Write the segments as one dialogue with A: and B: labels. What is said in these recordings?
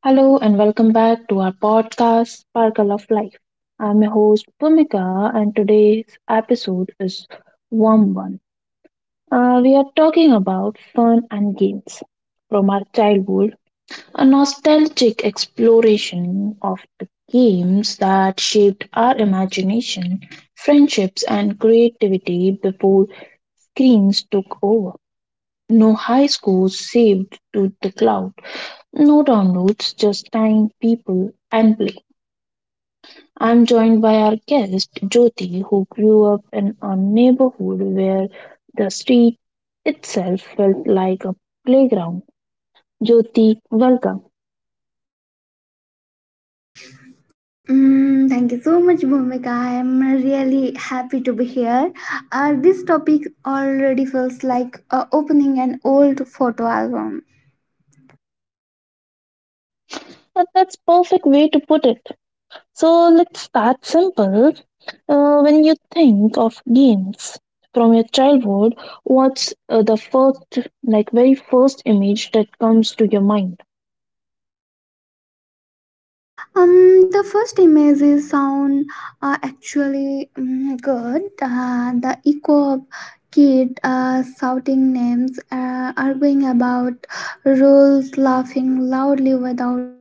A: Hello and welcome back to our podcast, Sparkle of Life. I'm your host, Bhumika, and today's episode is warm one. We are talking about fun and games from our childhood, a nostalgic exploration of the games that shaped our imagination, friendships, and creativity before screens took over. No high scores saved to the cloud, no downloads, just time, people, and play. I'm joined by our guest, Jyoti, who grew up in a neighborhood where the street itself felt like a playground. Jyoti, welcome.
B: Thank you so much, Bhumika. I'm really happy to be here. This topic already feels like opening an old photo album.
A: That's perfect way to put it. So let's start simple. When you think of games from your childhood, what's the first, like very first image that comes to your mind?
B: The first images sound actually good. The echo of kid shouting names, arguing about rules, laughing loudly without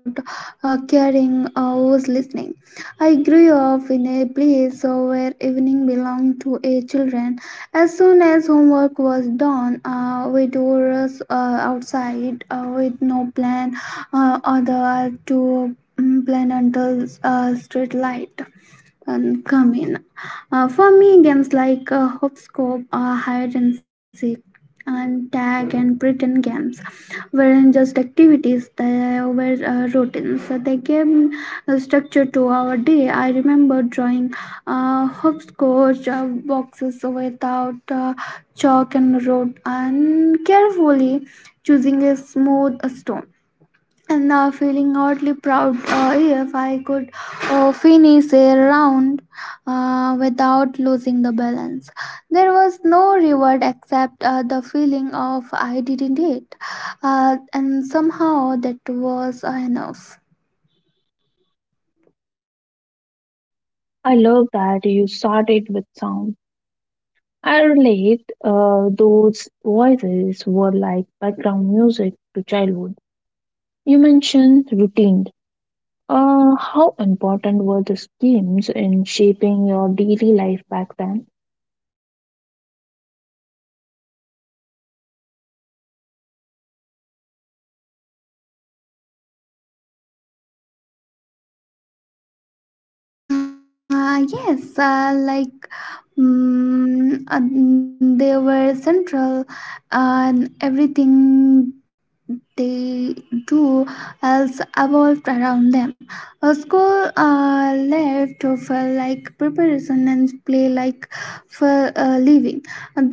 B: caring who's listening. I grew up in a place where evening belonged to a children. As soon as homework was done, we do rush outside with no plan other to plan until street light and come in. For me, games like hopscotch, hide and seek, and tag and pretend games weren't just activities; they were routines. So they gave a structure to our day. I remember drawing hopscotch boxes without chalk and road, and carefully choosing a smooth stone and feeling oddly proud if I could finish a round without losing the balance. There was no reward except the feeling of I didn't it, and somehow that was enough.
A: I love that you started with sound I relate, those voices were like background music to childhood. You mentioned routine. How important were the schemes in shaping your daily life back then?
B: Yes, mm uh, they were central and everything they do else evolved around them. A school left to feel like preparation and play like for living.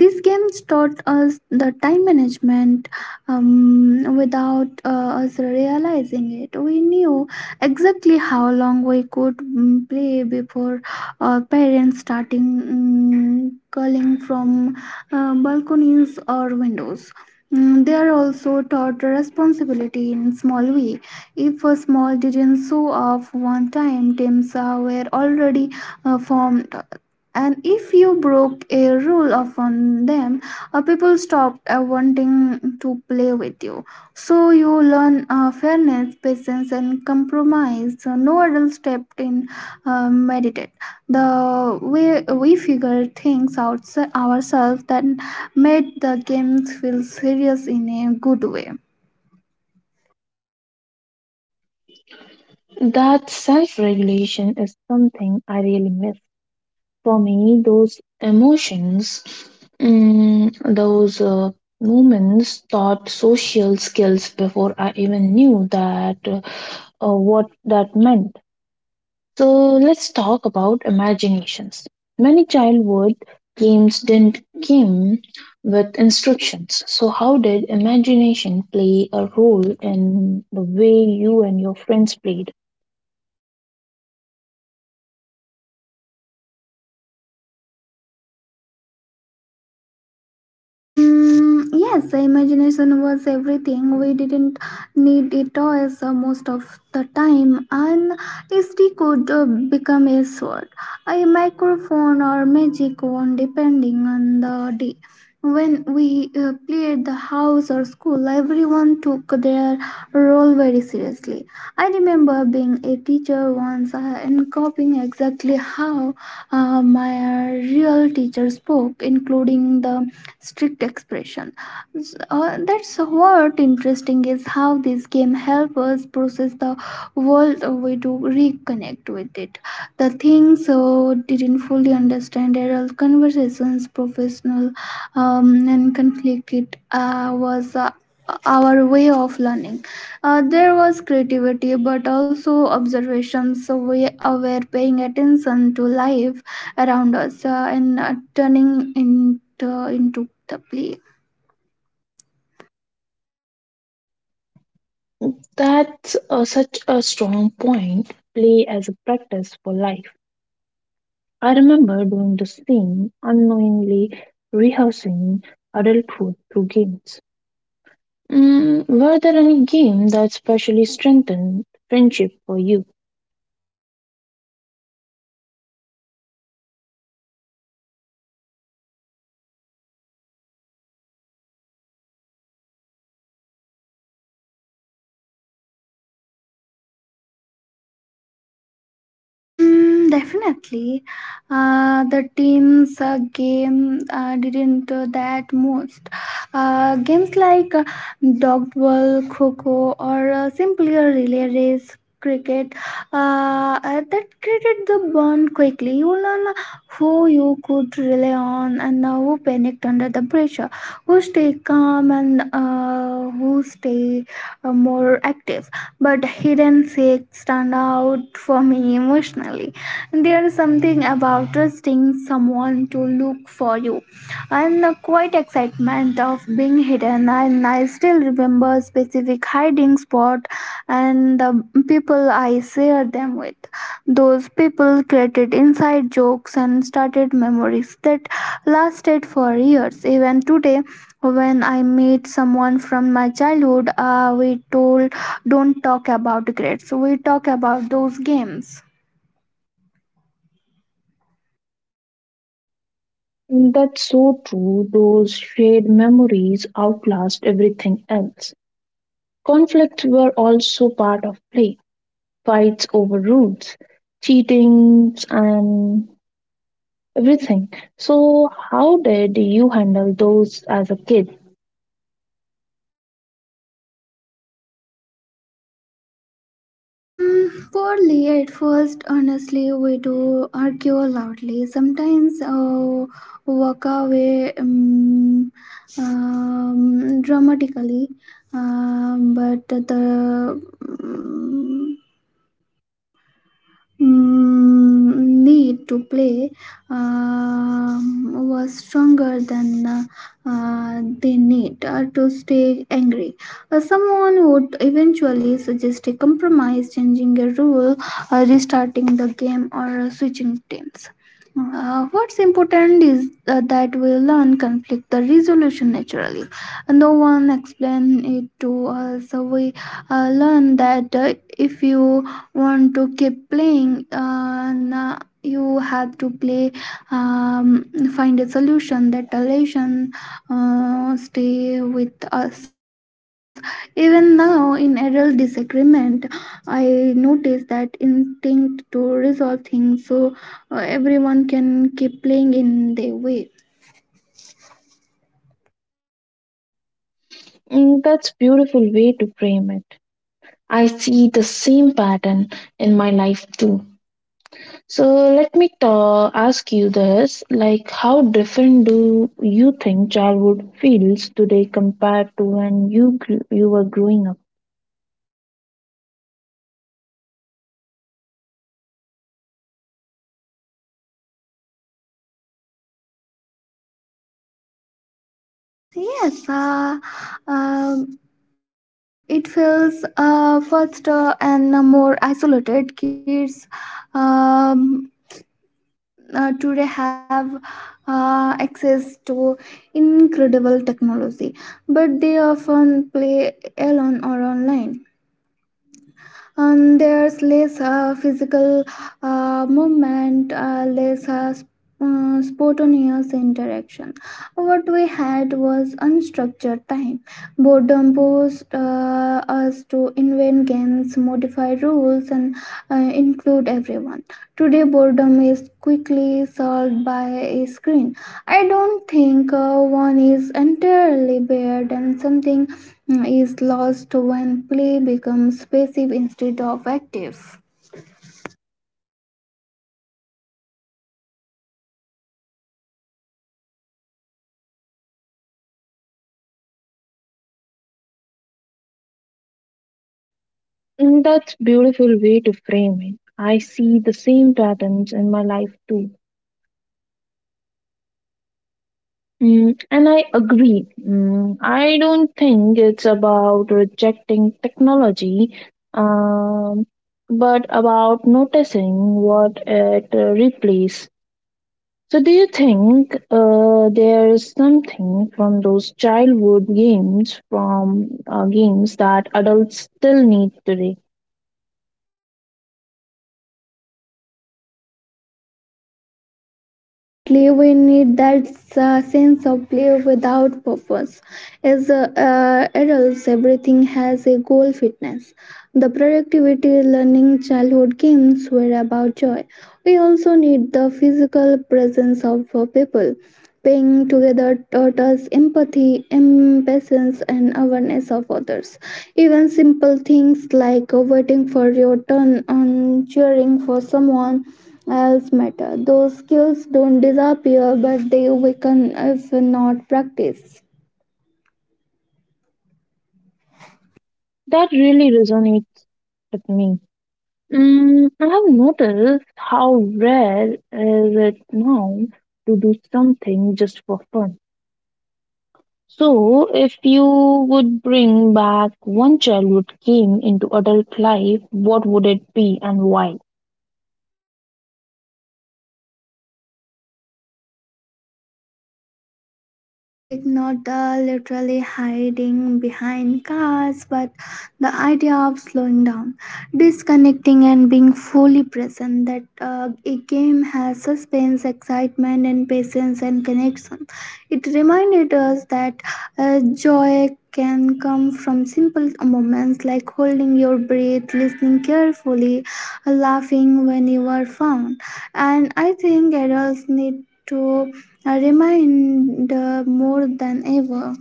B: These games taught us the time management without us realizing it. We knew exactly how long we could play before our parents starting calling from balconies or windows. They are also taught responsibility in small way. If a small didn't show off one time, teams were already formed, and if you broke a rule upon them, people stopped wanting to play with you, so you learn fairness patience and compromise so no adult stepped in meditate the way we figured things out ourselves. That made the games feel serious in a good way.
A: That self regulation is something I really miss. For me, those emotions, mm, those moments taught social skills before I even knew that what that meant. So let's talk about imaginations. Many childhood games didn't come with instructions. So how did imagination play a role in the way you and your friends played?
B: Yes, the imagination was everything. We didn't need it toys most of the time, and a stick could become a sword, a microphone, or magic wand, depending on the day. When we played the house or school, everyone took their role very seriously. I remember being a teacher once and copying exactly how my real teacher spoke, including the strict expression. That's what interesting is how this game help us process the world we do reconnect with it. The things didn't fully understand adult conversations, professional and conflict it was our way of learning. There was creativity, but also observations. So we were paying attention to life around us and turning into the play.
A: That's such a strong point. Play as a practice for life. I remember doing the same, unknowingly rehearsing adulthood through games. Were there any game that specially strengthened friendship for you?
B: Definitely. The team's game didn't that most. Games like dog ball, kho or simply a relay race, cricket, that created the bond quickly. You learn who you could rely on and who panicked under the pressure, who stay calm and who stay more active, but hidden fakes stand out for me emotionally. There's something about trusting someone to look for you and the quiet excitement of being hidden. And I still remember specific hiding spot and the people I share them with. Those people created inside jokes and started memories that lasted for years. Even today, when I meet someone from my childhood, we told don't talk about grades. We talk about those games.
A: That's so true. Those shared memories outlast everything else. Conflicts were also part of play, fights over rules, cheatings, and everything. So, how did you handle those as a kid?
B: Poorly at first, honestly, we do argue loudly. Sometimes walk away dramatically, but the need to play was stronger than the need to stay angry. Someone would eventually suggest a compromise, changing a rule, restarting the game, or switching teams. What's important is that we learn conflict the resolution naturally. No one explain it to us. So we learn that if you want to keep playing na you have to play um, find a solution, that relation stay with us even now. In adult disagreement, I notice that instinct to resolve things so everyone can keep playing in their way.
A: That's beautiful way to frame it. I see the same pattern in my life too. So let me ta ask you this, like how different do you think childhood feels today compared to when you gr you were growing up?
B: Mm, yes, um, it feels faster and more isolated. Kids um, today have access to incredible technology, but they often play alone or online, and there's less physical movement, less spontaneous interaction. What we had was unstructured time. Boredom forced us to invent games, modify rules, and uh, include everyone. Today boredom is quickly solved by a screen. I don't think one is entirely bad, and something is lost when play becomes passive instead of active.
A: That's beautiful way to frame it. I see the same patterns in my life too. And I agree. I don't think it's about rejecting technology, um, but about noticing what it replaces. So, do you think there is something from those childhood games, from games that adults still need today,
B: Absolutely, we need that sense of play without purpose. As adults, everything has a goal fitness. The productivity learning childhood games were about joy. We also need the physical presence of people. Playing together taught us empathy, impatience, and awareness of others. Even simple things like waiting for your turn and cheering for someone else matter. Those skills don't disappear, but they weaken if not practiced.
A: that really resonates with me? I have noticed how rare is it now to do something just for fun. So, if you would bring back one childhood game into adult life, what would it be and why?
B: Hide and seek, not the literally hiding behind cars, but the idea of slowing down, disconnecting, and being fully present. That a game has suspense, excitement, and patience and connection. It reminded us that joy can come from simple moments, like holding your breath, listening carefully, laughing when you are found. And I think adults need to remained more than ever.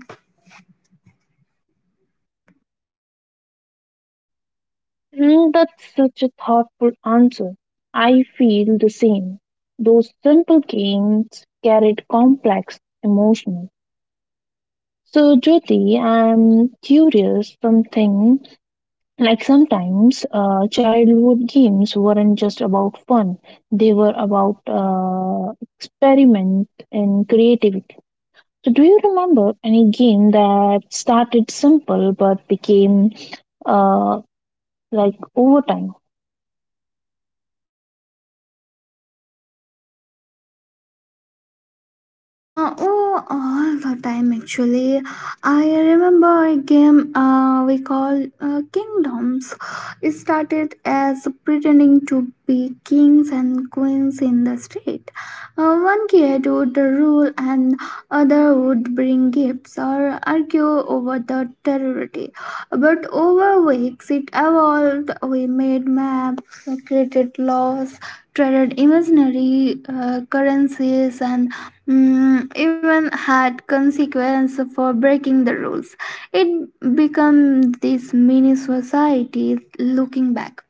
A: That's such a thoughtful answer. I feel the same. Those simple games carried complex emotions. So, Jyoti, I'm curious something like sometimes childhood games weren't just about fun, they were about experiment and creativity. So, do you remember any game that started simple but became uh, like over time?
B: Oh, all the time actually. I remember a game we call Kingdoms. It started as pretending to be kings and queens in the street. One kid would rule and other would bring gifts or argue over the territory. But over weeks it evolved. We made maps, created laws, traded imaginary currencies, and even had consequence for breaking the rules. It became this mini society looking back.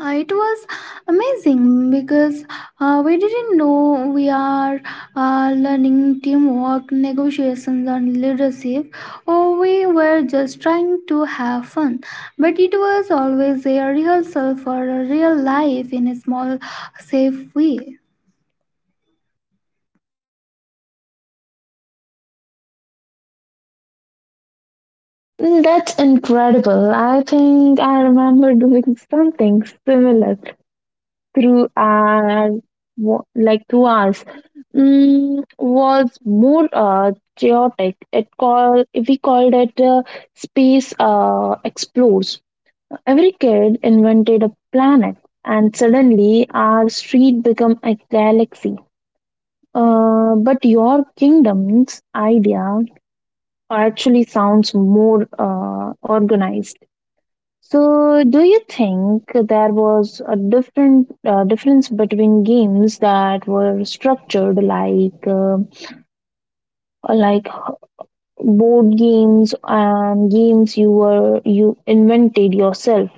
B: It was amazing because we didn't know we are learning teamwork, negotiations, and leadership, or we were just trying to have fun. But it was always a rehearsal for a real life in a small, safe way.
A: That's incredible. I think I remember doing something similar through our like 2 hours. Was more chaotic. It called it space explores. Every kid invented a planet, and suddenly our street became a galaxy. But your kingdom's idea actually sounds more organized. So, do you think there was a different difference between games that were structured like like board games and games you invented yourself?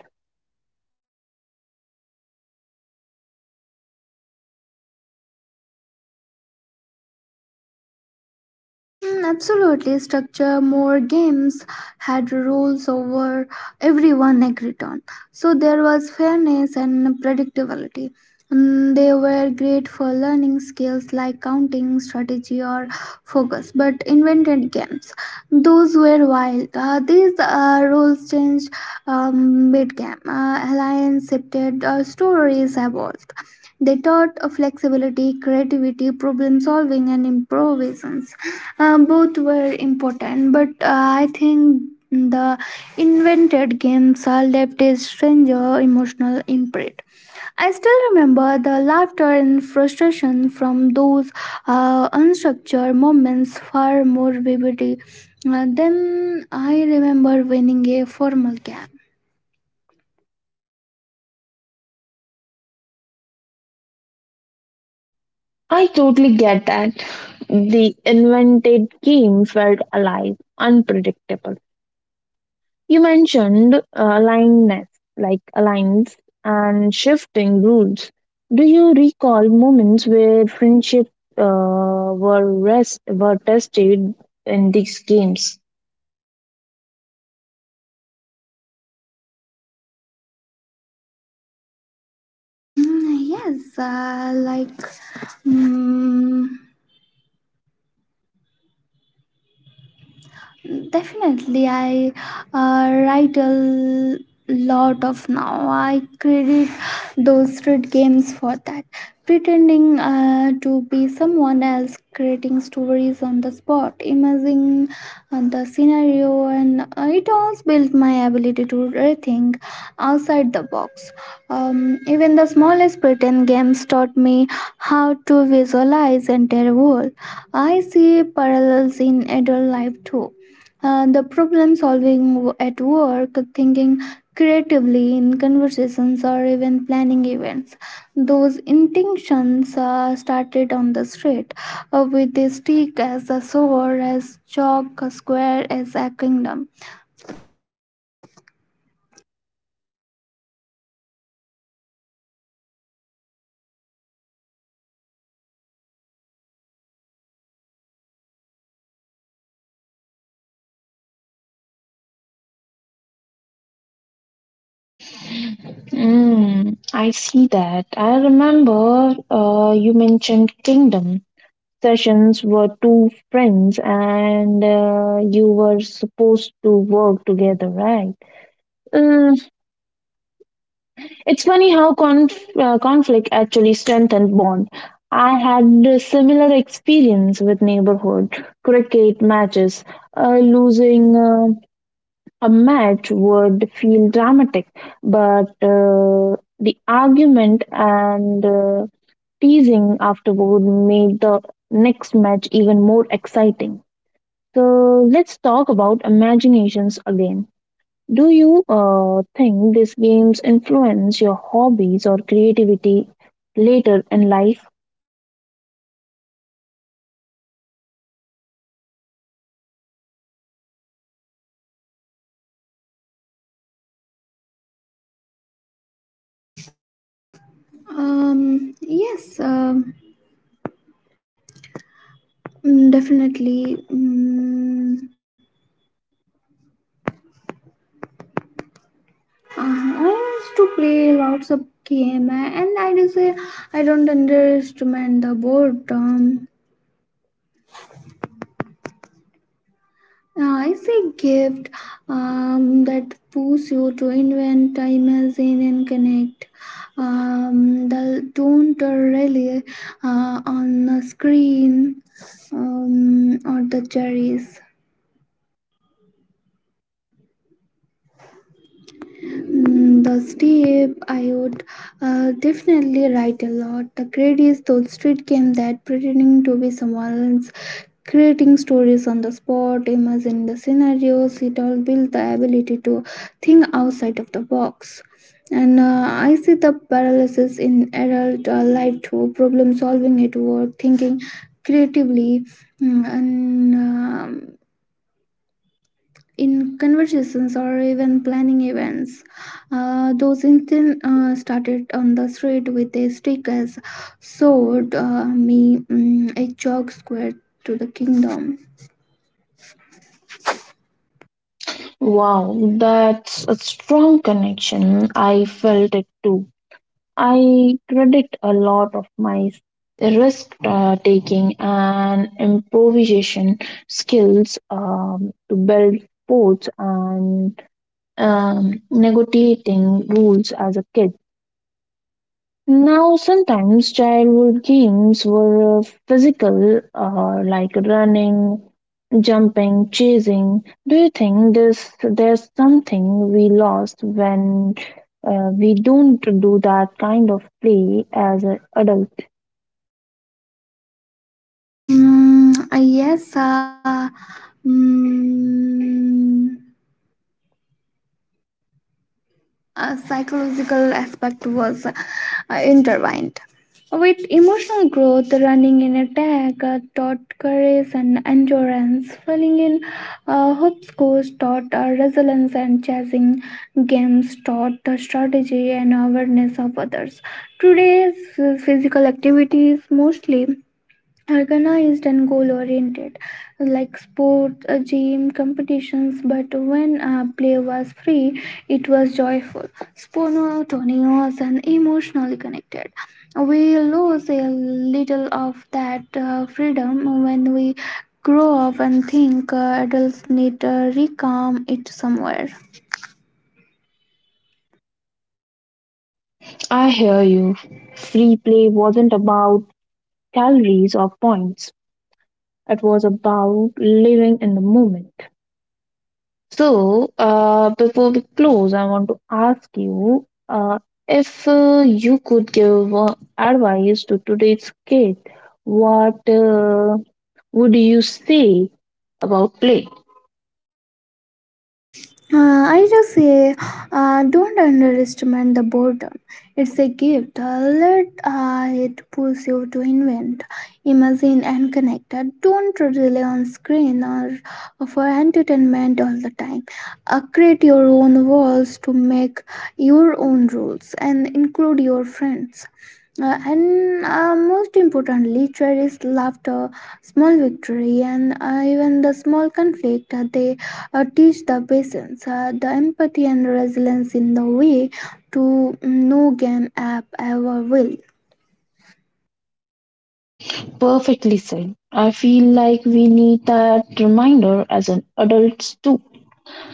B: Absolutely, structure more games had rules over everyone agreed on, so there was fairness and predictability. They were great for learning skills like counting, strategy, or focus, but invented games, those were wild. These rules changed mid game. Alliance shifted, stories evolved. They taught flexibility, creativity, problem solving, and improvisations. Both were important, but I think the invented games left a stranger emotional imprint. I still remember the laughter and frustration from those unstructured moments far more vividly than I remember winning a formal game.
A: I totally get that. The invented game felt alive, unpredictable, You mentioned alignedness, like aligns and shifting rules. Do you recall moments where friendship were tested in these games?
B: Mm, yes, like. Mm, I uh, write a l- lot of now. I credit those street games for that. Pretending to be someone else, creating stories on the spot, imagining the scenario, and it all built my ability to rethink outside the box. Even the smallest pretend games taught me how to visualize entire world. I see parallels in adult life too, the problem solving at work, thinking creatively in conversations, or even planning events. Those intentions started on the street with a stick as a sword, as chalk, a square as a kingdom.
A: I see that. I remember you mentioned Kingdom sessions were two friends and you were supposed to work together, right? Um, It's funny how conflict actually strengthened bond. I had a similar experience with neighborhood cricket matches. Losing a match would feel dramatic, but the argument and teasing afterward made the next match even more exciting. So let's talk about imaginations again. Do you think these games influence your hobbies or creativity later in life?
B: Yes, definitely. I used to play lots of game, and I do say I don't underestimate the boredom. It's a gift that pushes you to invent, imagine, and connect. The don't rely on the screen or the cherries. The Steve, I would definitely write a lot. The credits those street game that pretending to be someone else, creating stories on the spot, imagine the scenarios. It all built the ability to think outside of the box. And I see the paralysis in adult life too. Problem solving at work, thinking creatively, and in conversations or even planning events. Those incidents started on the street with a stick as sword, a chalk square to the kingdom.
A: Wow, that's a strong connection. I felt it too. I credit a lot of my risk taking and improvisation skills to build forts and negotiating rules as a kid. Now, sometimes childhood games were physical, like running, jumping, chasing. Do you think this there's something we lost when we don't do that kind of play as an adult?
B: Yes, mm, a psychological aspect was intertwined with emotional growth. Running in attack taught courage and endurance. Falling in hopscotch taught resilience, and chasing games taught strategy and awareness of others. Today's physical activities mostly organized and goal oriented, like sports, gym, competitions, but when play was free, it was joyful, spontaneous, and emotionally connected. We lose a little of that freedom when we grow up, and think adults need to reclaim it somewhere.
A: I hear you. Free play wasn't about calories or points. It was about living in the moment. So, before we close, I want to ask you if you could give advice to today's kid, what would you say about play?
B: I just say, don't underestimate the boredom. It's a gift. Let it push you to invent, imagine, and connect. Don't rely on screen or for entertainment all the time. Create your own walls to make your own rules and include your friends. And most importantly, cherish laughter, small victory, and even the small conflict. They teach the patience, the empathy, and resilience in the way to no game app ever will.
A: Perfectly said. I feel like we need that reminder as an adults too.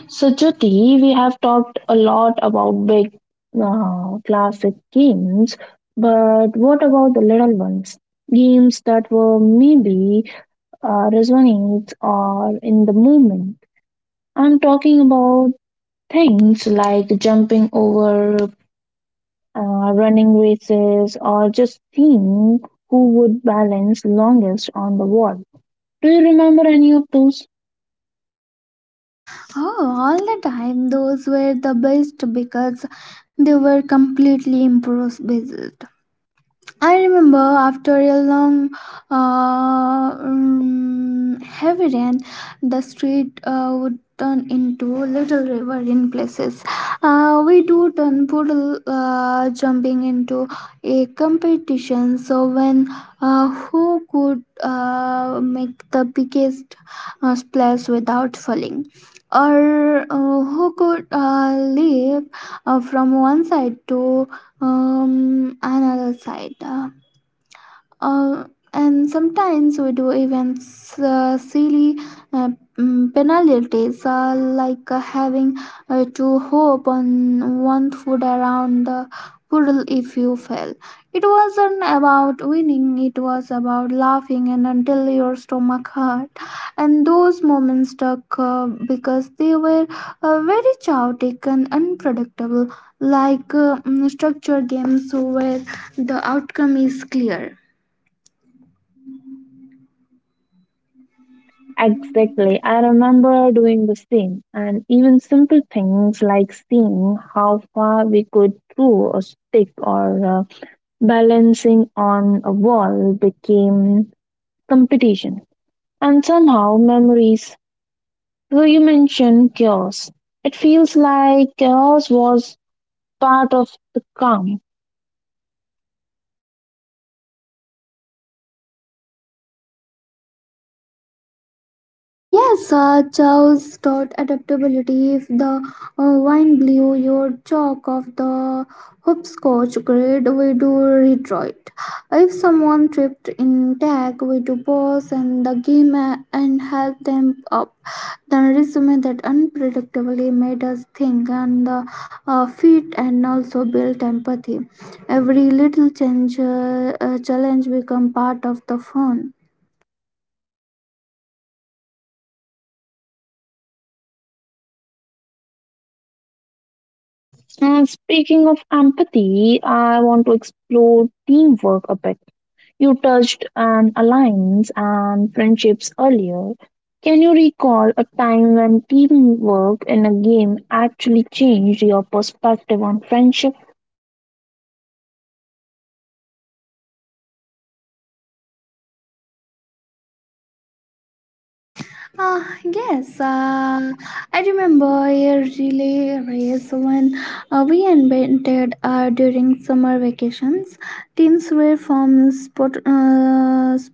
A: So, Jyoti, we have talked a lot about big classic games, but what about the little ones? Games that were maybe resonates or in the movement. I'm talking about things like jumping over, running races, or just seeing who would balance longest on the wall. Do you remember any of those?
B: Oh, all the time, those were the best because they were completely improvised. I remember after a long, heavy rain, the street would turn into a little river in places. We do turn puddle jumping into a competition. So when who could make the biggest splash without falling, or who could leap from one side to another side. Uh, and sometimes we do even silly uh, penalties like having to hop on one foot around the puddle if you fell. It wasn't about winning, it was about laughing and until your stomach hurt. And those moments stuck because they were very chaotic and unpredictable, like structure games where the outcome is clear.
A: Exactly. I remember doing the same. And even simple things like seeing how far we could throw a stick or balancing on a wall became competition. And somehow memories So you mentioned chaos. It feels like chaos was part of the calm.
B: Yes, Chow's taught adaptability. If the wine blew your chalk off the hopscotch grid, we do retreat. If someone tripped in tag, we do pause and help them up. Then resume. That unpredictably made us think and fit and also built empathy. Every little change, challenge become part of the fun.
A: And speaking of empathy, I want to explore teamwork a bit. You touched on alliance and friendships earlier. Can you recall a time when teamwork in a game actually changed your perspective on friendship?
B: Yes, I remember a relay race when we invented during summer vacations. Teams were formed spot, s-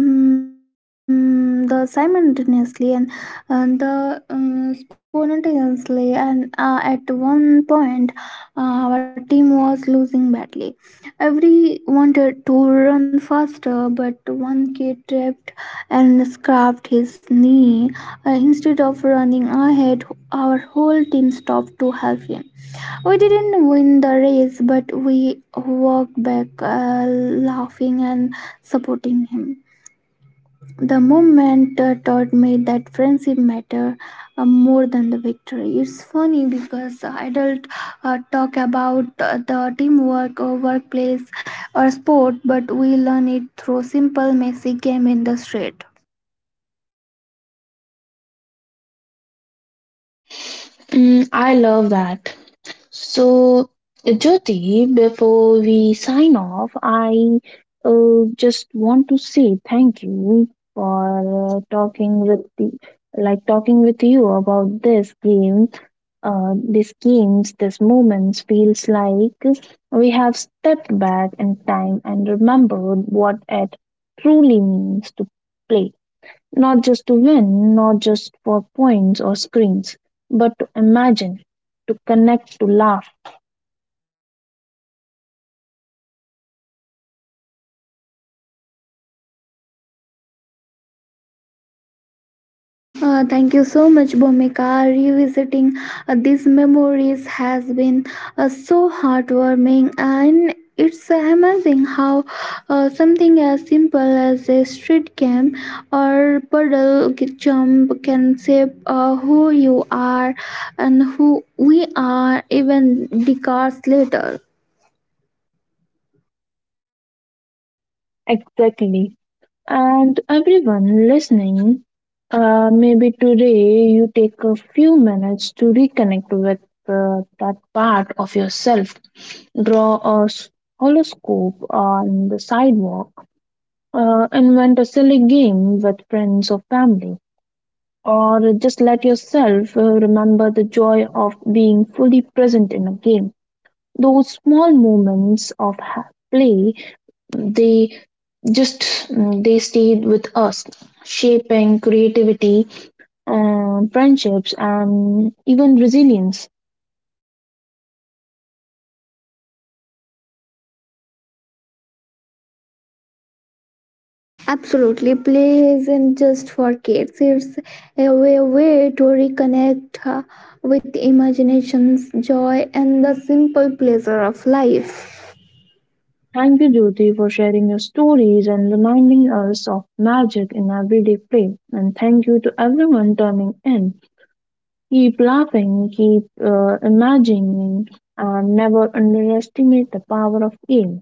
B: mm, the simultaneously and the spontaneously, and at one point, uh, our team was losing badly. Every wanted to run faster, but one kid tripped and scraped his knee. Instead of running ahead, our whole team stopped to help him. We didn't win the race, but we walked back laughing and supporting him. The moment taught me that friendship matter more than the victory. It's funny because adults talk about the teamwork or workplace or sport, but we learn it through simple, messy game in the street.
A: I love that. So, Jyoti, before we sign off, I just want to say thank you for talking with you about this game. These games, these moments feels like we have stepped back in time and remembered what it truly means to play, not just to win, not just for points or screens, but to imagine, to connect, to laugh
B: Thank you so much, Bhumika. Revisiting these memories has been so heartwarming, and it's amazing how something as simple as a street camp or puddle jump can shape who you are and who we are even decades later.
A: Exactly. And everyone listening, maybe today you take a few minutes to reconnect with that part of yourself. Draw a horoscope on the sidewalk, invent a silly game with friends or family, or just let yourself remember the joy of being fully present in a game. Those small moments of play they just they stayed with us, shaping creativity, friendships, and even resilience.
B: Absolutely, play isn't just for kids. It's a way to reconnect with imaginations, joy, and the simple pleasure of life.
A: Thank you, Jyoti, for sharing your stories and reminding us of magic in everyday play. And thank you to everyone turning in. Keep laughing, keep imagining, and never underestimate the power of game.